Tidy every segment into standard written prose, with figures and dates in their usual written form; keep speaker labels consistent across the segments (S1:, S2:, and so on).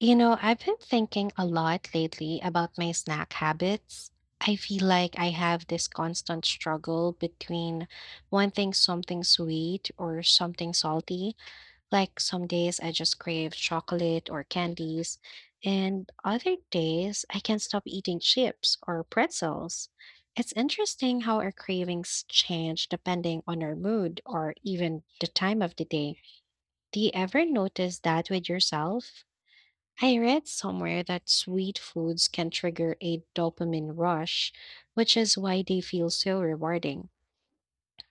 S1: You know, I've been thinking a lot lately about my snack habits. I feel like I have this constant struggle between wanting something sweet or something salty. Like some days I just crave chocolate or candies, and other days I can't stop eating chips or pretzels. It's interesting how our cravings change depending on our mood or even the time of the day. Do you ever notice that with yourself? I read somewhere that sweet foods can trigger a dopamine rush, which is why they feel so rewarding.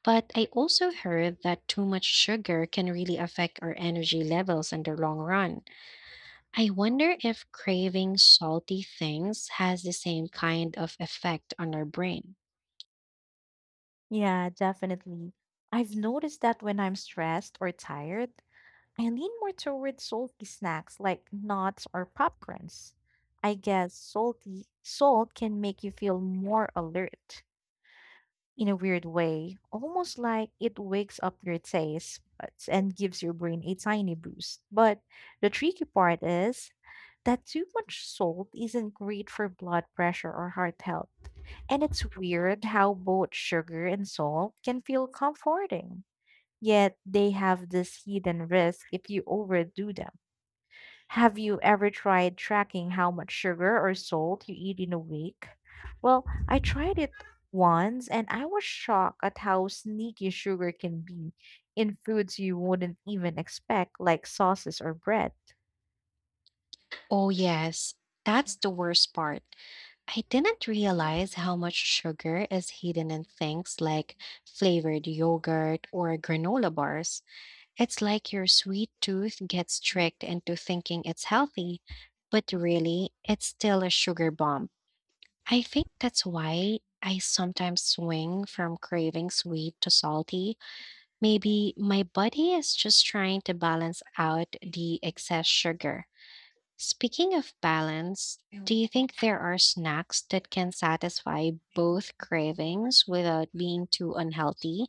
S1: But I also heard that too much sugar can really affect our energy levels in the long run. I wonder if craving salty things has the same kind of effect on our brain.
S2: Yeah, definitely. I've noticed that when I'm stressed or tired, I lean more toward salty snacks like nuts or popcorns. I guess salt can make you feel more alert in a weird way, almost like it wakes up your taste buds and gives your brain a tiny boost. But the tricky part is that too much salt isn't great for blood pressure or heart health. And it's weird how both sugar and salt can feel comforting, yet they have this hidden risk if you overdo them. Have you ever tried tracking how much sugar or salt you eat in a week? Well, I tried it once and I was shocked at how sneaky sugar can be in foods you wouldn't even expect, like sauces or bread.
S1: Oh, yes, that's the worst part. I didn't realize how much sugar is hidden in things like flavored yogurt or granola bars. It's like your sweet tooth gets tricked into thinking it's healthy, but really, it's still a sugar bomb. I think that's why I sometimes swing from craving sweet to salty. Maybe my body is just trying to balance out the excess sugar. Speaking of balance, do you think there are snacks that can satisfy both cravings without being too unhealthy,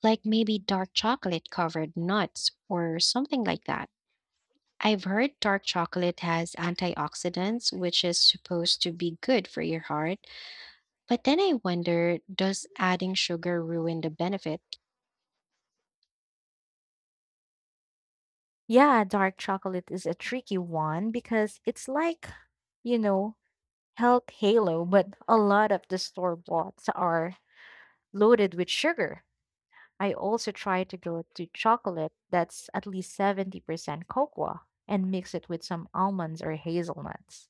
S1: like maybe dark chocolate covered nuts or something like that? I've heard dark chocolate has antioxidants, which is supposed to be good for your heart, but then I wonder, does adding sugar ruin the benefit?
S2: Yeah, dark chocolate is a tricky one because it's like, you know, help Halo, but a lot of the store boughts are loaded with sugar. I also try to go to chocolate that's at least 70% cocoa and mix it with some almonds or hazelnuts.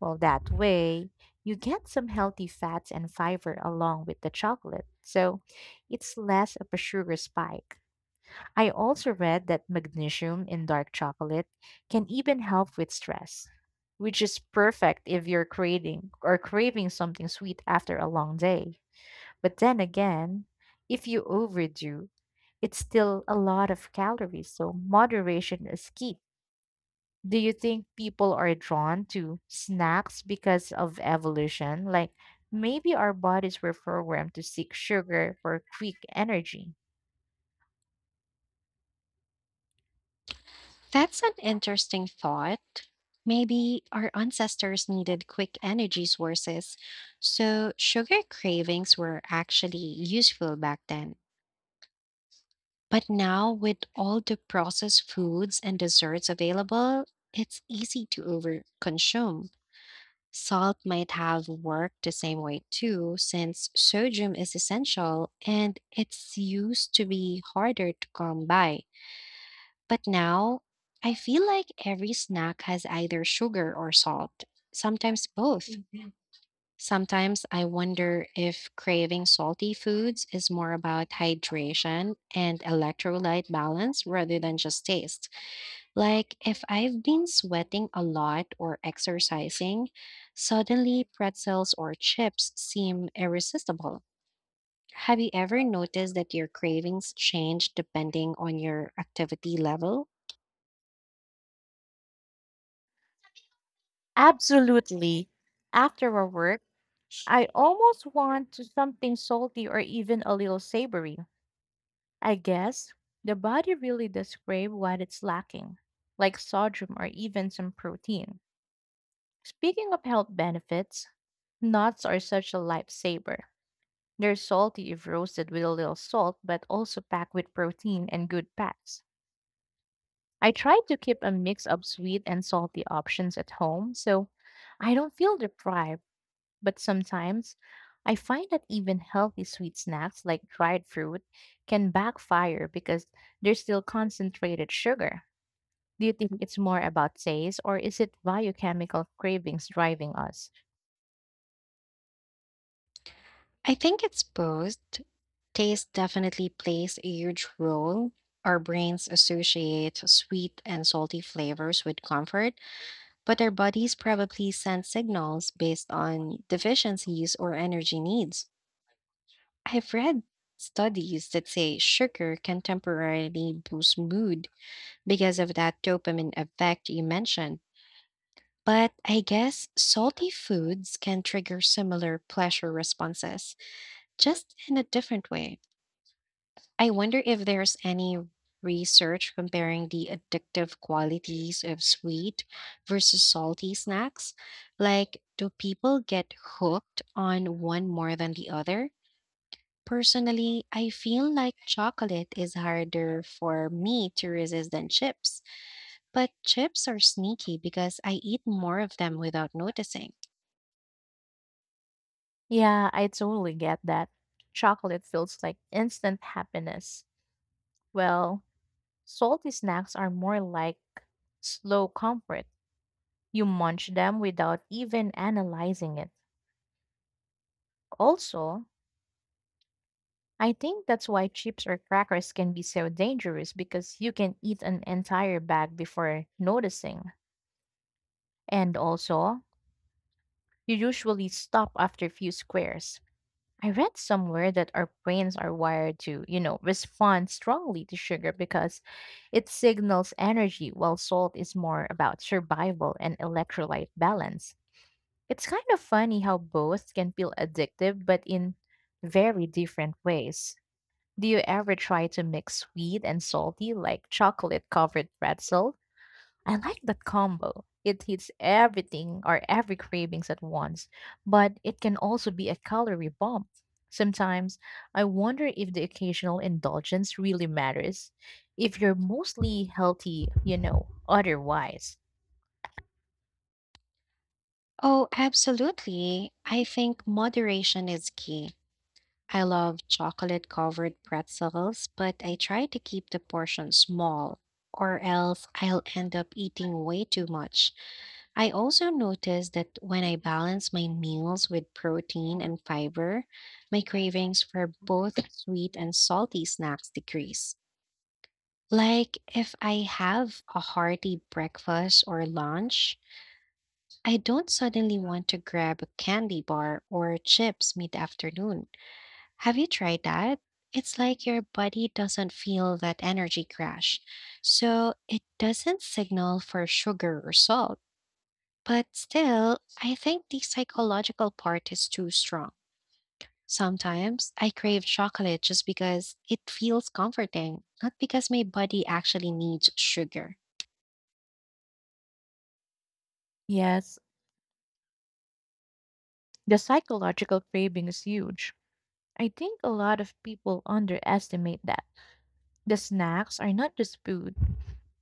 S2: Well, that way, you get some healthy fats and fiber along with the chocolate. So it's less of a sugar spike. I also read that magnesium in dark chocolate can even help with stress, which is perfect if you're creating or craving something sweet after a long day. But then again, if you overdo, it's still a lot of calories, so moderation is key. Do you think people are drawn to snacks because of evolution? Like maybe our bodies were programmed to seek sugar for quick energy.
S1: That's an interesting thought. Maybe our ancestors needed quick energy sources, so sugar cravings were actually useful back then. But now, with all the processed foods and desserts available, it's easy to overconsume. Salt might have worked the same way too, since sodium is essential and it's used to be harder to come by. But now, I feel like every snack has either sugar or salt, sometimes both. Sometimes I wonder if craving salty foods is more about hydration and electrolyte balance rather than just taste. Like if I've been sweating a lot or exercising, suddenly pretzels or chips seem irresistible. Have you ever noticed that your cravings change depending on your activity level?
S2: Absolutely. After a work, I almost want to something salty or even a little savory. I guess the body really does crave what it's lacking, like sodium or even some protein. Speaking of health benefits, nuts are such a lifesaver. They're salty if roasted with a little salt, but also packed with protein and good fats. I try to keep a mix of sweet and salty options at home, so I don't feel deprived. But sometimes I find that even healthy sweet snacks like dried fruit can backfire because they're still concentrated sugar. Do you think it's more about taste or is it biochemical cravings driving us?
S1: I think it's both. Taste definitely plays a huge role. Our brains associate sweet and salty flavors with comfort, but our bodies probably send signals based on deficiencies or energy needs. I've read studies that say sugar can temporarily boost mood because of that dopamine effect you mentioned. But I guess salty foods can trigger similar pleasure responses, just in a different way. I wonder if there's any research comparing the addictive qualities of sweet versus salty snacks. Like, do people get hooked on one more than the other? Personally, I feel like chocolate is harder for me to resist than chips. But chips are sneaky because I eat more of them without noticing.
S2: Yeah, I totally get that. Chocolate feels like instant happiness. Well, salty snacks are more like slow comfort. You munch them without even analyzing it. Also, I think that's why chips or crackers can be so dangerous because you can eat an entire bag before noticing. And also, you usually stop after a few squares. I read somewhere that our brains are wired to respond strongly to sugar because it signals energy, while salt is more about survival and electrolyte balance. It's kind of funny how both can feel addictive, but in very different ways. Do you ever try to mix sweet and salty like chocolate covered pretzel? I like that combo. It hits everything or every cravings at once, but it can also be a calorie bomb. Sometimes I wonder if the occasional indulgence really matters, if you're mostly healthy otherwise.
S1: Oh, absolutely. I think moderation is key. I love chocolate covered pretzels, but I try to keep the portion small, or else I'll end up eating way too much. I also notice that when I balance my meals with protein and fiber, my cravings for both sweet and salty snacks decrease. Like if I have a hearty breakfast or lunch, I don't suddenly want to grab a candy bar or chips mid afternoon. Have you tried that? It's like your body doesn't feel that energy crash, so it doesn't signal for sugar or salt. But still, I think the psychological part is too strong. Sometimes I crave chocolate just because it feels comforting, not because my body actually needs sugar.
S2: Yes, the psychological craving is huge. I think a lot of people underestimate that. The snacks are not just food.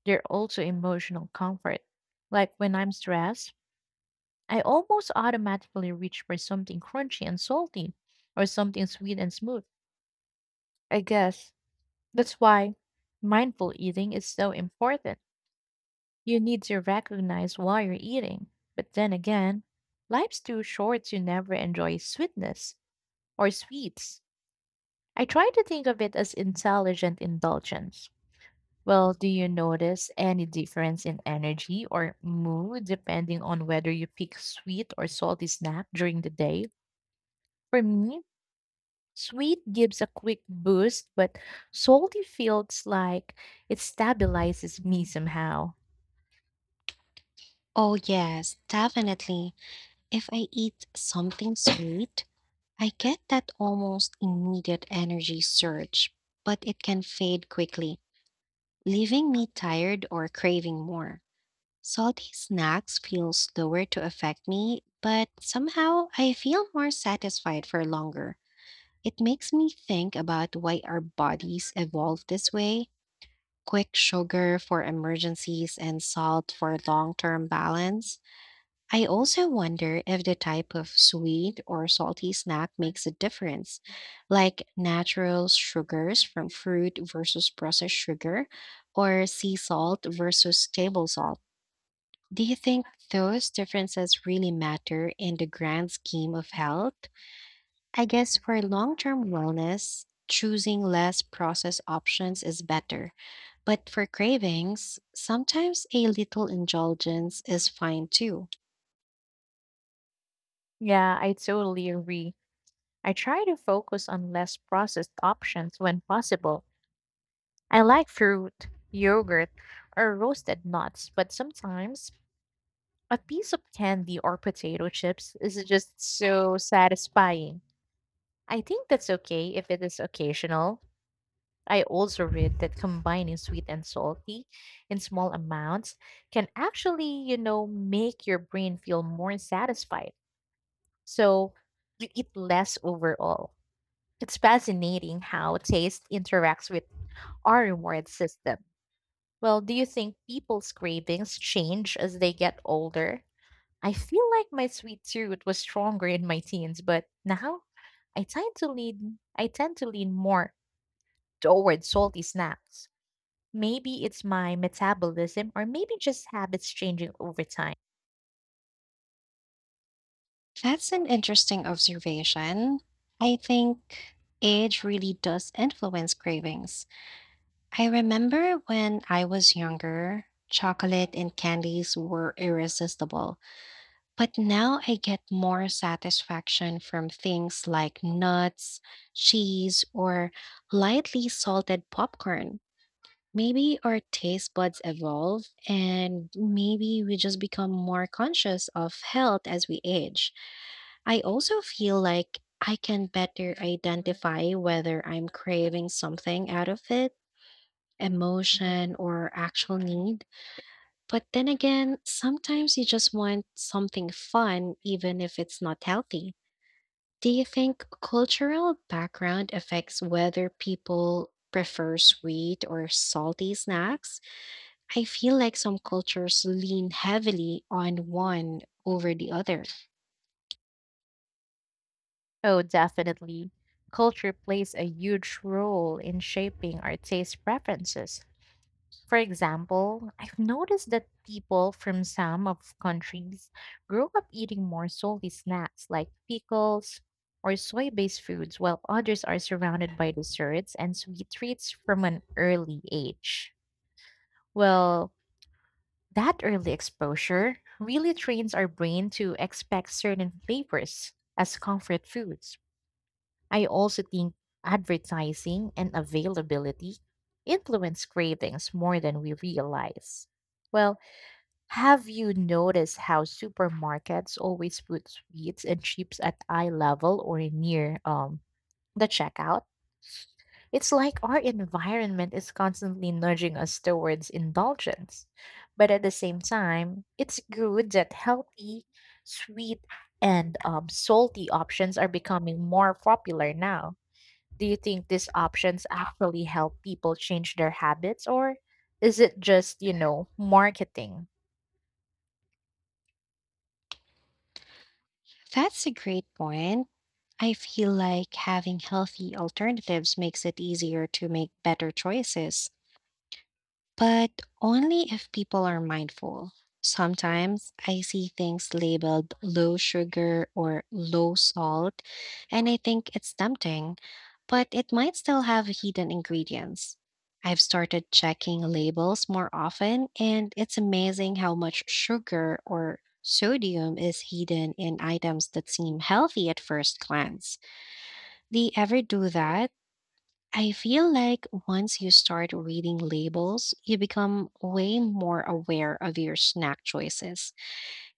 S2: They're also emotional comfort. Like when I'm stressed, I almost automatically reach for something crunchy and salty or something sweet and smooth. I guess that's why mindful eating is so important. You need to recognize why you're eating. But then again, life's too short to never enjoy sweetness or sweets. I try to think of it as intelligent indulgence. Well, do you notice any difference in energy or mood depending on whether you pick sweet or salty snack during the day? For me, sweet gives a quick boost, but salty feels like it stabilizes me somehow.
S1: Oh, yes, definitely. If I eat something sweet, I get that almost immediate energy surge, but it can fade quickly, leaving me tired or craving more. Salty snacks feel slower to affect me, but somehow I feel more satisfied for longer. It makes me think about why our bodies evolved this way, quick sugar for emergencies and salt for long term balance. I also wonder if the type of sweet or salty snack makes a difference, like natural sugars from fruit versus processed sugar, or sea salt versus table salt. Do you think those differences really matter in the grand scheme of health? I guess for long term wellness, choosing less processed options is better. But for cravings, sometimes a little indulgence is fine too.
S2: Yeah, I totally agree. I try to focus on less processed options when possible. I like fruit, yogurt, or roasted nuts, but sometimes a piece of candy or potato chips is just so satisfying. I think that's okay if it is occasional. I also read that combining sweet and salty in small amounts can actually make your brain feel more satisfied, so you eat less overall. It's fascinating how taste interacts with our reward system. Well, do you think people's cravings change as they get older? I feel like my sweet tooth was stronger in my teens, but now I tend to lean more toward salty snacks. Maybe it's my metabolism or maybe just habits changing over time.
S1: That's an interesting observation. I think age really does influence cravings. I remember when I was younger, chocolate and candies were irresistible, but now I get more satisfaction from things like nuts, cheese, or lightly salted popcorn. Maybe our taste buds evolve, and maybe we just become more conscious of health as we age. I also feel like I can better identify whether I'm craving something out of it, emotion, or actual need. But then again, sometimes you just want something fun, even if it's not healthy. Do you think cultural background affects whether people prefer sweet or salty snacks? I feel like some cultures lean heavily on one over the other.
S2: Oh, definitely. Culture plays a huge role in shaping our taste preferences. For example, I've noticed that people from some of countries grow up eating more salty snacks like pickles or soy-based foods, while others are surrounded by desserts and sweet treats from an early age. Well, that early exposure really trains our brain to expect certain flavors as comfort foods. I also think advertising and availability influence cravings more than we realize. Well, have you noticed how supermarkets always put sweets and chips at eye level or near the checkout? It's like our environment is constantly nudging us towards indulgence. But at the same time, it's good that healthy, sweet, and salty options are becoming more popular now. Do you think these options actually help people change their habits, or is it just marketing?
S1: That's a great point. I feel like having healthy alternatives makes it easier to make better choices, but only if people are mindful. Sometimes I see things labeled low sugar or low salt, and I think it's tempting, but it might still have hidden ingredients. I've started checking labels more often, and it's amazing how much sugar or sodium is hidden in items that seem healthy at first glance. Do you ever do that? I feel like once you start reading labels, you become way more aware of your snack choices.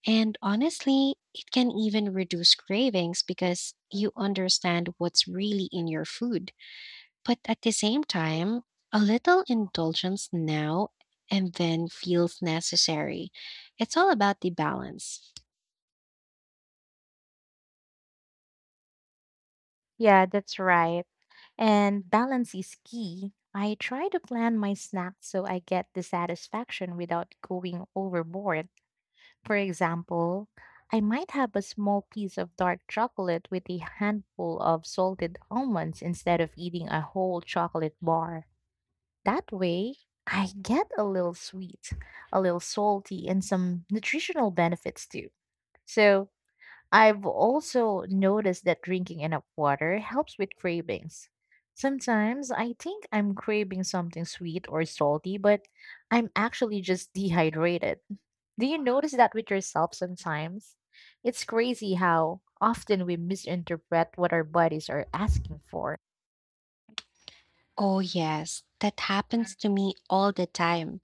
S1: And honestly, it can even reduce cravings because you understand what's really in your food. But at the same time, a little indulgence now and then feels necessary. It's all about the balance.
S2: Yeah, that's right. And balance is key. I try to plan my snacks so I get the satisfaction without going overboard. For example, I might have a small piece of dark chocolate with a handful of salted almonds instead of eating a whole chocolate bar. That way, I get a little sweet, a little salty, and some nutritional benefits too. So, I've also noticed that drinking enough water helps with cravings. Sometimes I think I'm craving something sweet or salty, but I'm actually just dehydrated. Do you notice that with yourself sometimes? It's crazy how often we misinterpret what our bodies are asking for.
S1: Oh, yes, that happens to me all the time.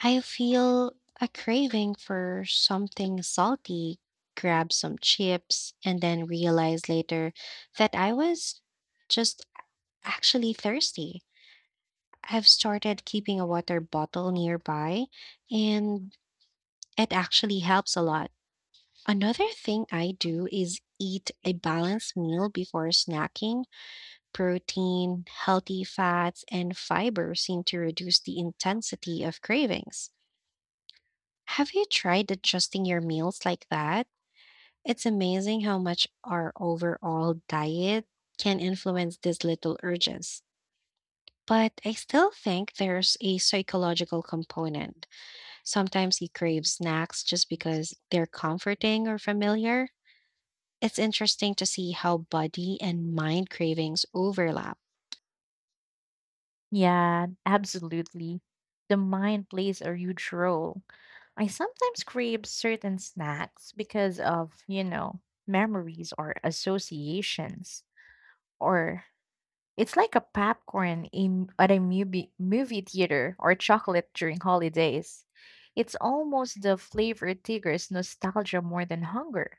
S1: I feel a craving for something salty, grab some chips, and then realize later that I was just actually thirsty. I've started keeping a water bottle nearby, and it actually helps a lot. Another thing I do is eat a balanced meal before snacking. Protein, healthy fats, and fiber seem to reduce the intensity of cravings. Have you tried adjusting your meals like that? It's amazing how much our overall diet can influence these little urges. But I still think there's a psychological component. Sometimes you crave snacks just because they're comforting or familiar. It's interesting to see how body and mind cravings overlap.
S2: Yeah, absolutely. The mind plays a huge role. I sometimes crave certain snacks because of memories or associations. Or it's like a popcorn in at a movie theater or chocolate during holidays. It's almost the flavor triggers nostalgia more than hunger.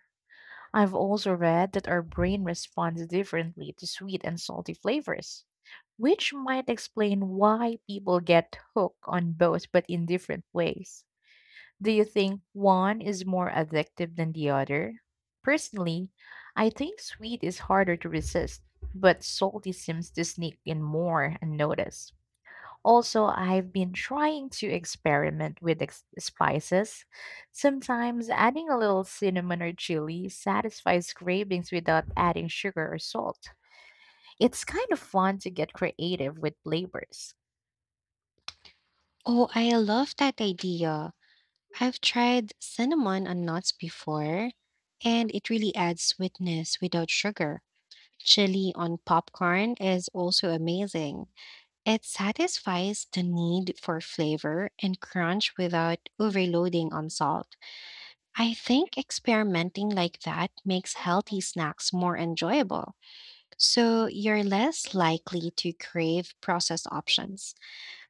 S2: I've also read that our brain responds differently to sweet and salty flavors, which might explain why people get hooked on both but in different ways. Do you think one is more addictive than the other? Personally, I think sweet is harder to resist, but salty seems to sneak in more unnoticed. Also, I've been trying to experiment with spices. Sometimes adding a little cinnamon or chili satisfies cravings without adding sugar or salt. It's kind of fun to get creative with flavors.
S1: Oh, I love that idea. I've tried cinnamon on nuts before, and it really adds sweetness without sugar. Chili on popcorn is also amazing. It satisfies the need for flavor and crunch without overloading on salt. I think experimenting like that makes healthy snacks more enjoyable, so you're less likely to crave processed options.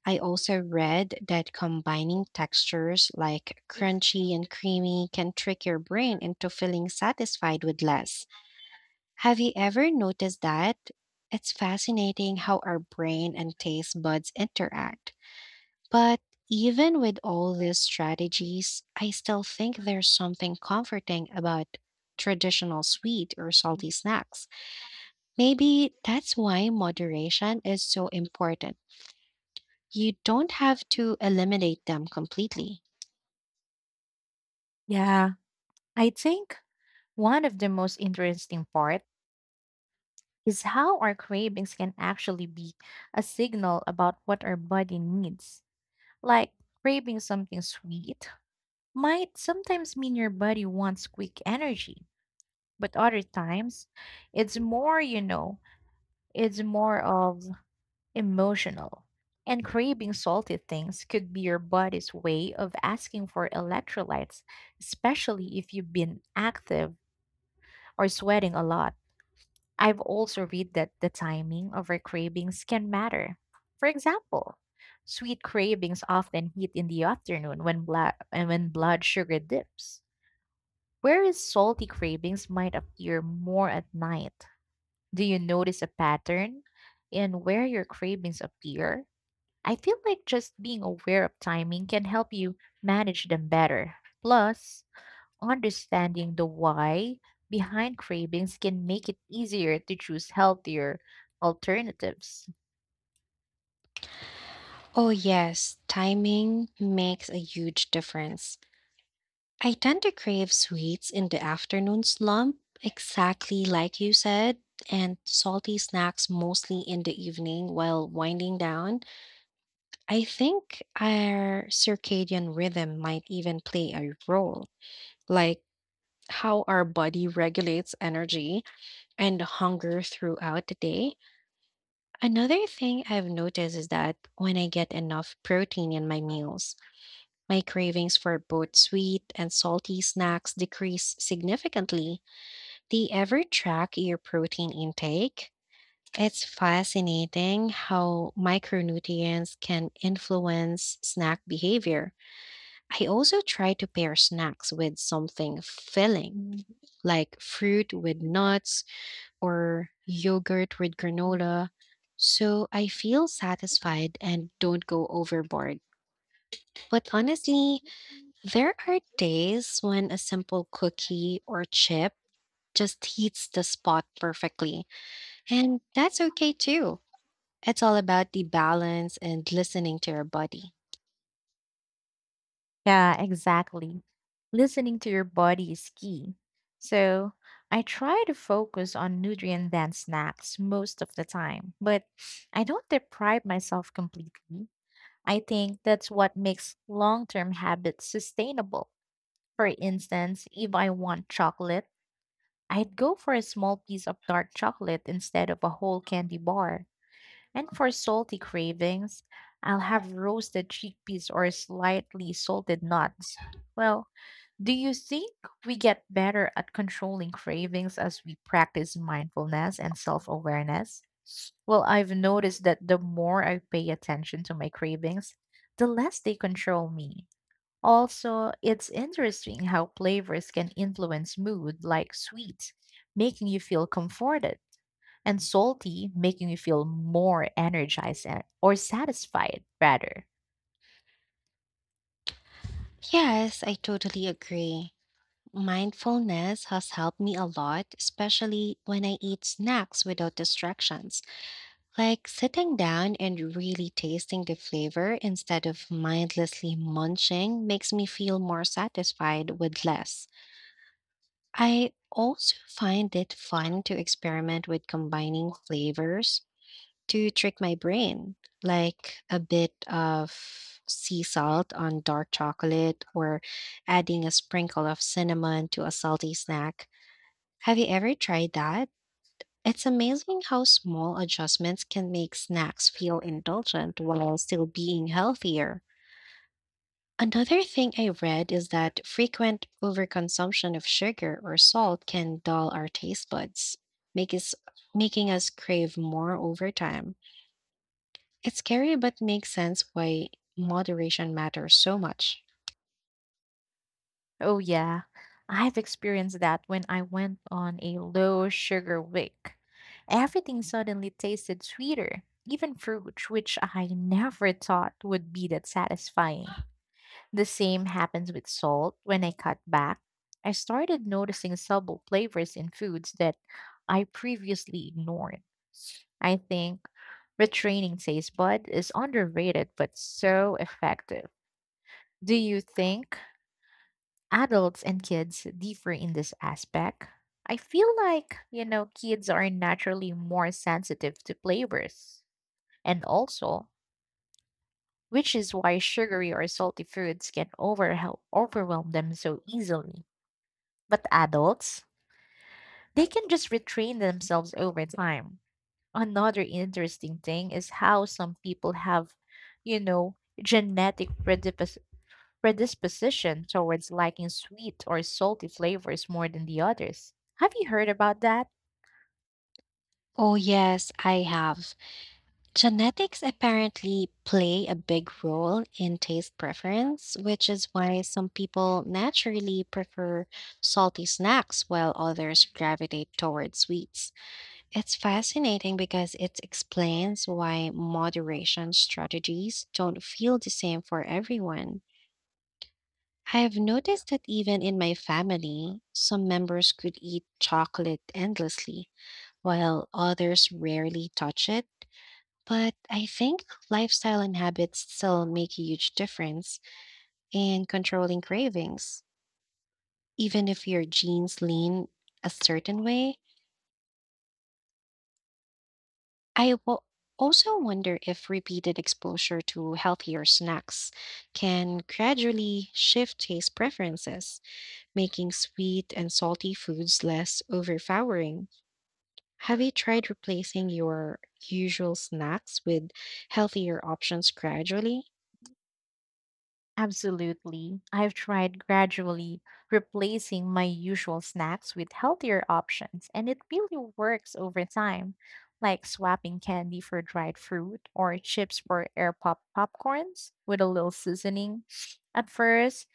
S1: I also read that combining textures like crunchy and creamy can trick your brain into feeling satisfied with less. Have you ever noticed that? It's fascinating how our brain and taste buds interact. But even with all these strategies, I still think there's something comforting about traditional sweet or salty snacks. Maybe that's why moderation is so important. You don't have to eliminate them completely.
S2: Yeah, I think one of the most interesting parts is how our cravings can actually be a signal about what our body needs. Like craving something sweet might sometimes mean your body wants quick energy, but other times it's more of emotional. And craving salty things could be your body's way of asking for electrolytes, especially if you've been active or sweating a lot. I've also read that the timing of our cravings can matter. For example, sweet cravings often hit in the afternoon when blood sugar dips, whereas salty cravings might appear more at night. Do you notice a pattern in where your cravings appear? I feel like just being aware of timing can help you manage them better. Plus, understanding the why behind cravings can make it easier to choose healthier alternatives.
S1: Oh, yes, timing makes a huge difference. I tend to crave sweets in the afternoon slump, exactly like you said, and salty snacks mostly in the evening while winding down. I think our circadian rhythm might even play a role, like how our body regulates energy and hunger throughout the day. Another thing I've noticed is that when I get enough protein in my meals, my cravings for both sweet and salty snacks decrease significantly. Do you ever track your protein intake? It's fascinating how micronutrients can influence snack behavior. I also try to pair snacks with something filling, Mm, like fruit with nuts or yogurt with granola, so I feel satisfied and don't go overboard. But honestly, there are days when a simple cookie or chip just hits the spot perfectly. And that's okay too. It's all about the balance and listening to your body.
S2: Yeah, exactly. Listening to your body is key. So I try to focus on nutrient dense snacks most of the time, but I don't deprive myself completely. I think that's what makes long term habits sustainable. For instance, if I want chocolate, I'd go for a small piece of dark chocolate instead of a whole candy bar. And for salty cravings, I'll have roasted chickpeas or slightly salted nuts. Well, do you think we get better at controlling cravings as we practice mindfulness and self awareness? Well, I've noticed that the more I pay attention to my cravings, the less they control me. Also, it's interesting how flavors can influence mood, like sweet, making you feel comforted, and salty, making you feel more energized and- or satisfied, rather.
S1: Yes, I totally agree. Mindfulness has helped me a lot, especially when I eat snacks without distractions, like sitting down and really tasting the flavor instead of mindlessly munching makes me feel more satisfied with less. I also find it fun to experiment with combining flavors to trick my brain, like a bit of sea salt on dark chocolate or adding a sprinkle of cinnamon to a salty snack. Have you ever tried that? It's amazing how small adjustments can make snacks feel indulgent while still being healthier. Another thing I read is that frequent overconsumption of sugar or salt can dull our taste buds, make us, making us crave more over time. It's scary, but makes sense why moderation matters so much.
S2: Oh, yeah, I've experienced that when I went on a low sugar week. Everything suddenly tasted sweeter, even fruit, which I never thought would be that satisfying. The same happens with salt. When I cut back, I started noticing subtle flavors in foods that I previously ignored. I think retraining taste bud is underrated but so effective. Do you think adults and kids differ in this aspect? I feel like kids are naturally more sensitive to flavors. And also, which is why sugary or salty foods can overwhelm them so easily. But adults, they can just retrain themselves over time. Another interesting thing is how some people have, you know, genetic predisposition towards liking sweet or salty flavors more than the others. Have you heard about that?
S1: Oh, yes, I have. Genetics apparently play a big role in taste preference, which is why some people naturally prefer salty snacks while others gravitate toward sweets. It's fascinating because it explains why moderation strategies don't feel the same for everyone. I've noticed that even in my family, some members could eat chocolate endlessly, while others rarely touch it. But I think lifestyle and habits still make a huge difference in controlling cravings. Even if your genes lean a certain way, I wo- also wonder if repeated exposure to healthier snacks can gradually shift taste preferences, making sweet and salty foods less overpowering. Have you tried replacing your usual snacks with healthier options gradually?
S2: Absolutely. I've tried gradually replacing my usual snacks with healthier options, and it really works over time, like swapping candy for dried fruit or chips for air popcorns with a little seasoning. At first,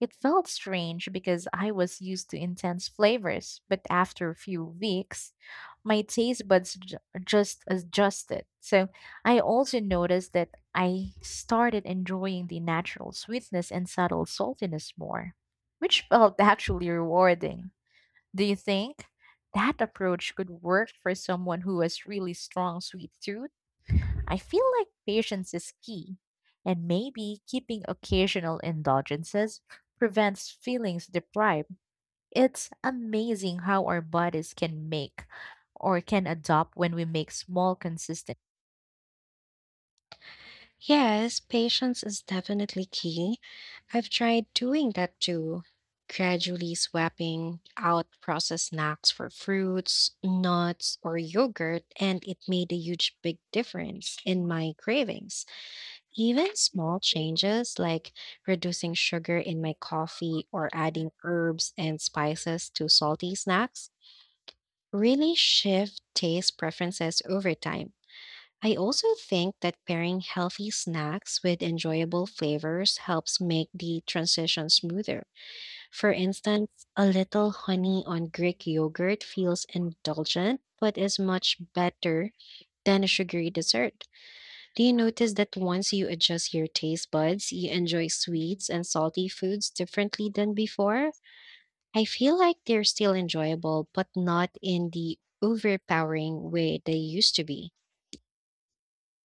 S2: it felt strange because I was used to intense flavors, but after a few weeks, my taste buds just adjusted. So, I also noticed that I started enjoying the natural sweetness and subtle saltiness more, which felt actually rewarding. Do you think that approach could work for someone who has really strong sweet tooth? I feel like patience is key, and maybe keeping occasional indulgences prevents feelings deprived. It's amazing how our bodies can make or can adopt when we make small consistent.
S1: Yes, patience is definitely key. I've tried doing that too, gradually swapping out processed snacks for fruits, nuts, or yogurt, and it made a huge big difference in my cravings. Even small changes like reducing sugar in my coffee or adding herbs and spices to salty snacks really shift taste preferences over time. I also think that pairing healthy snacks with enjoyable flavors helps make the transition smoother. For instance, a little honey on Greek yogurt feels indulgent, but is much better than a sugary dessert. Do you notice that once you adjust your taste buds, you enjoy sweets and salty foods differently than before? I feel like they're still enjoyable, but not in the overpowering way they used to be.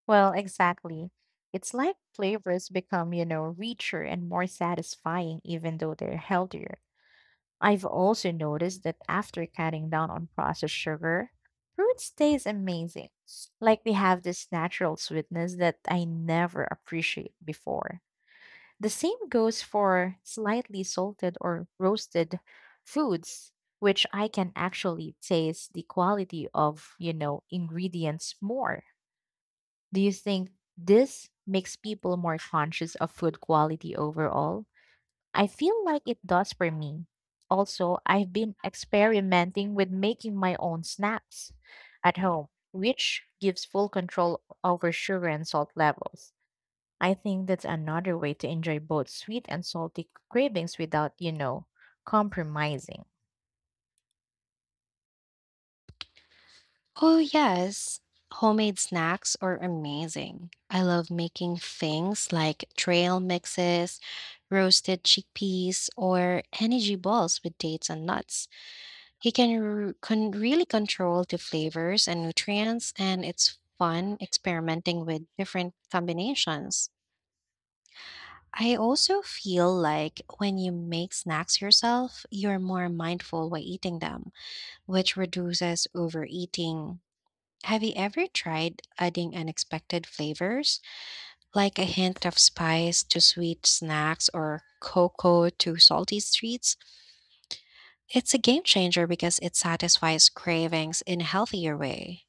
S2: Well, exactly. It's like flavors become richer and more satisfying, even though they're healthier. I've also noticed that after cutting down on processed sugar, fruit stays amazing. Like they have this natural sweetness that I never appreciate before. The same goes for slightly salted or roasted foods, which I can actually taste the quality of ingredients more. Do you think this makes people more conscious of food quality overall? I feel like it does for me. Also, I've been experimenting with making my own snacks at home, which gives full control over sugar and salt levels. I think that's another way to enjoy both sweet and salty cravings without compromising.
S1: Oh, yes. Homemade snacks are amazing. I love making things like trail mixes, roasted chickpeas, or energy balls with dates and nuts. You can really control the flavors and nutrients, and it's fun experimenting with different combinations. I also feel like when you make snacks yourself, you're more mindful while eating them, which reduces overeating. Have you ever tried adding unexpected flavors, like a hint of spice to sweet snacks or cocoa to salty treats? It's a game changer because it satisfies cravings in a healthier way.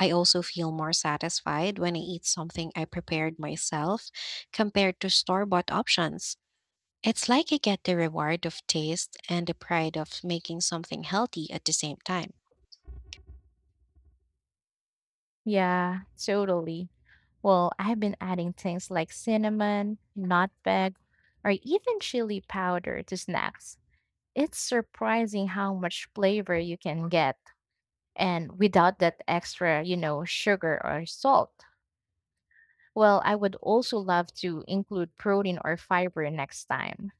S1: I also feel more satisfied when I eat something I prepared myself compared to store bought options. It's like I get the reward of taste and the pride of making something healthy at the same time.
S2: Yeah, totally. Well, I've been adding things like cinnamon, nutmeg, or even chili powder to snacks. It's surprising how much flavor you can get and without that extra sugar or salt. Well, I would also love to include protein or fiber next time.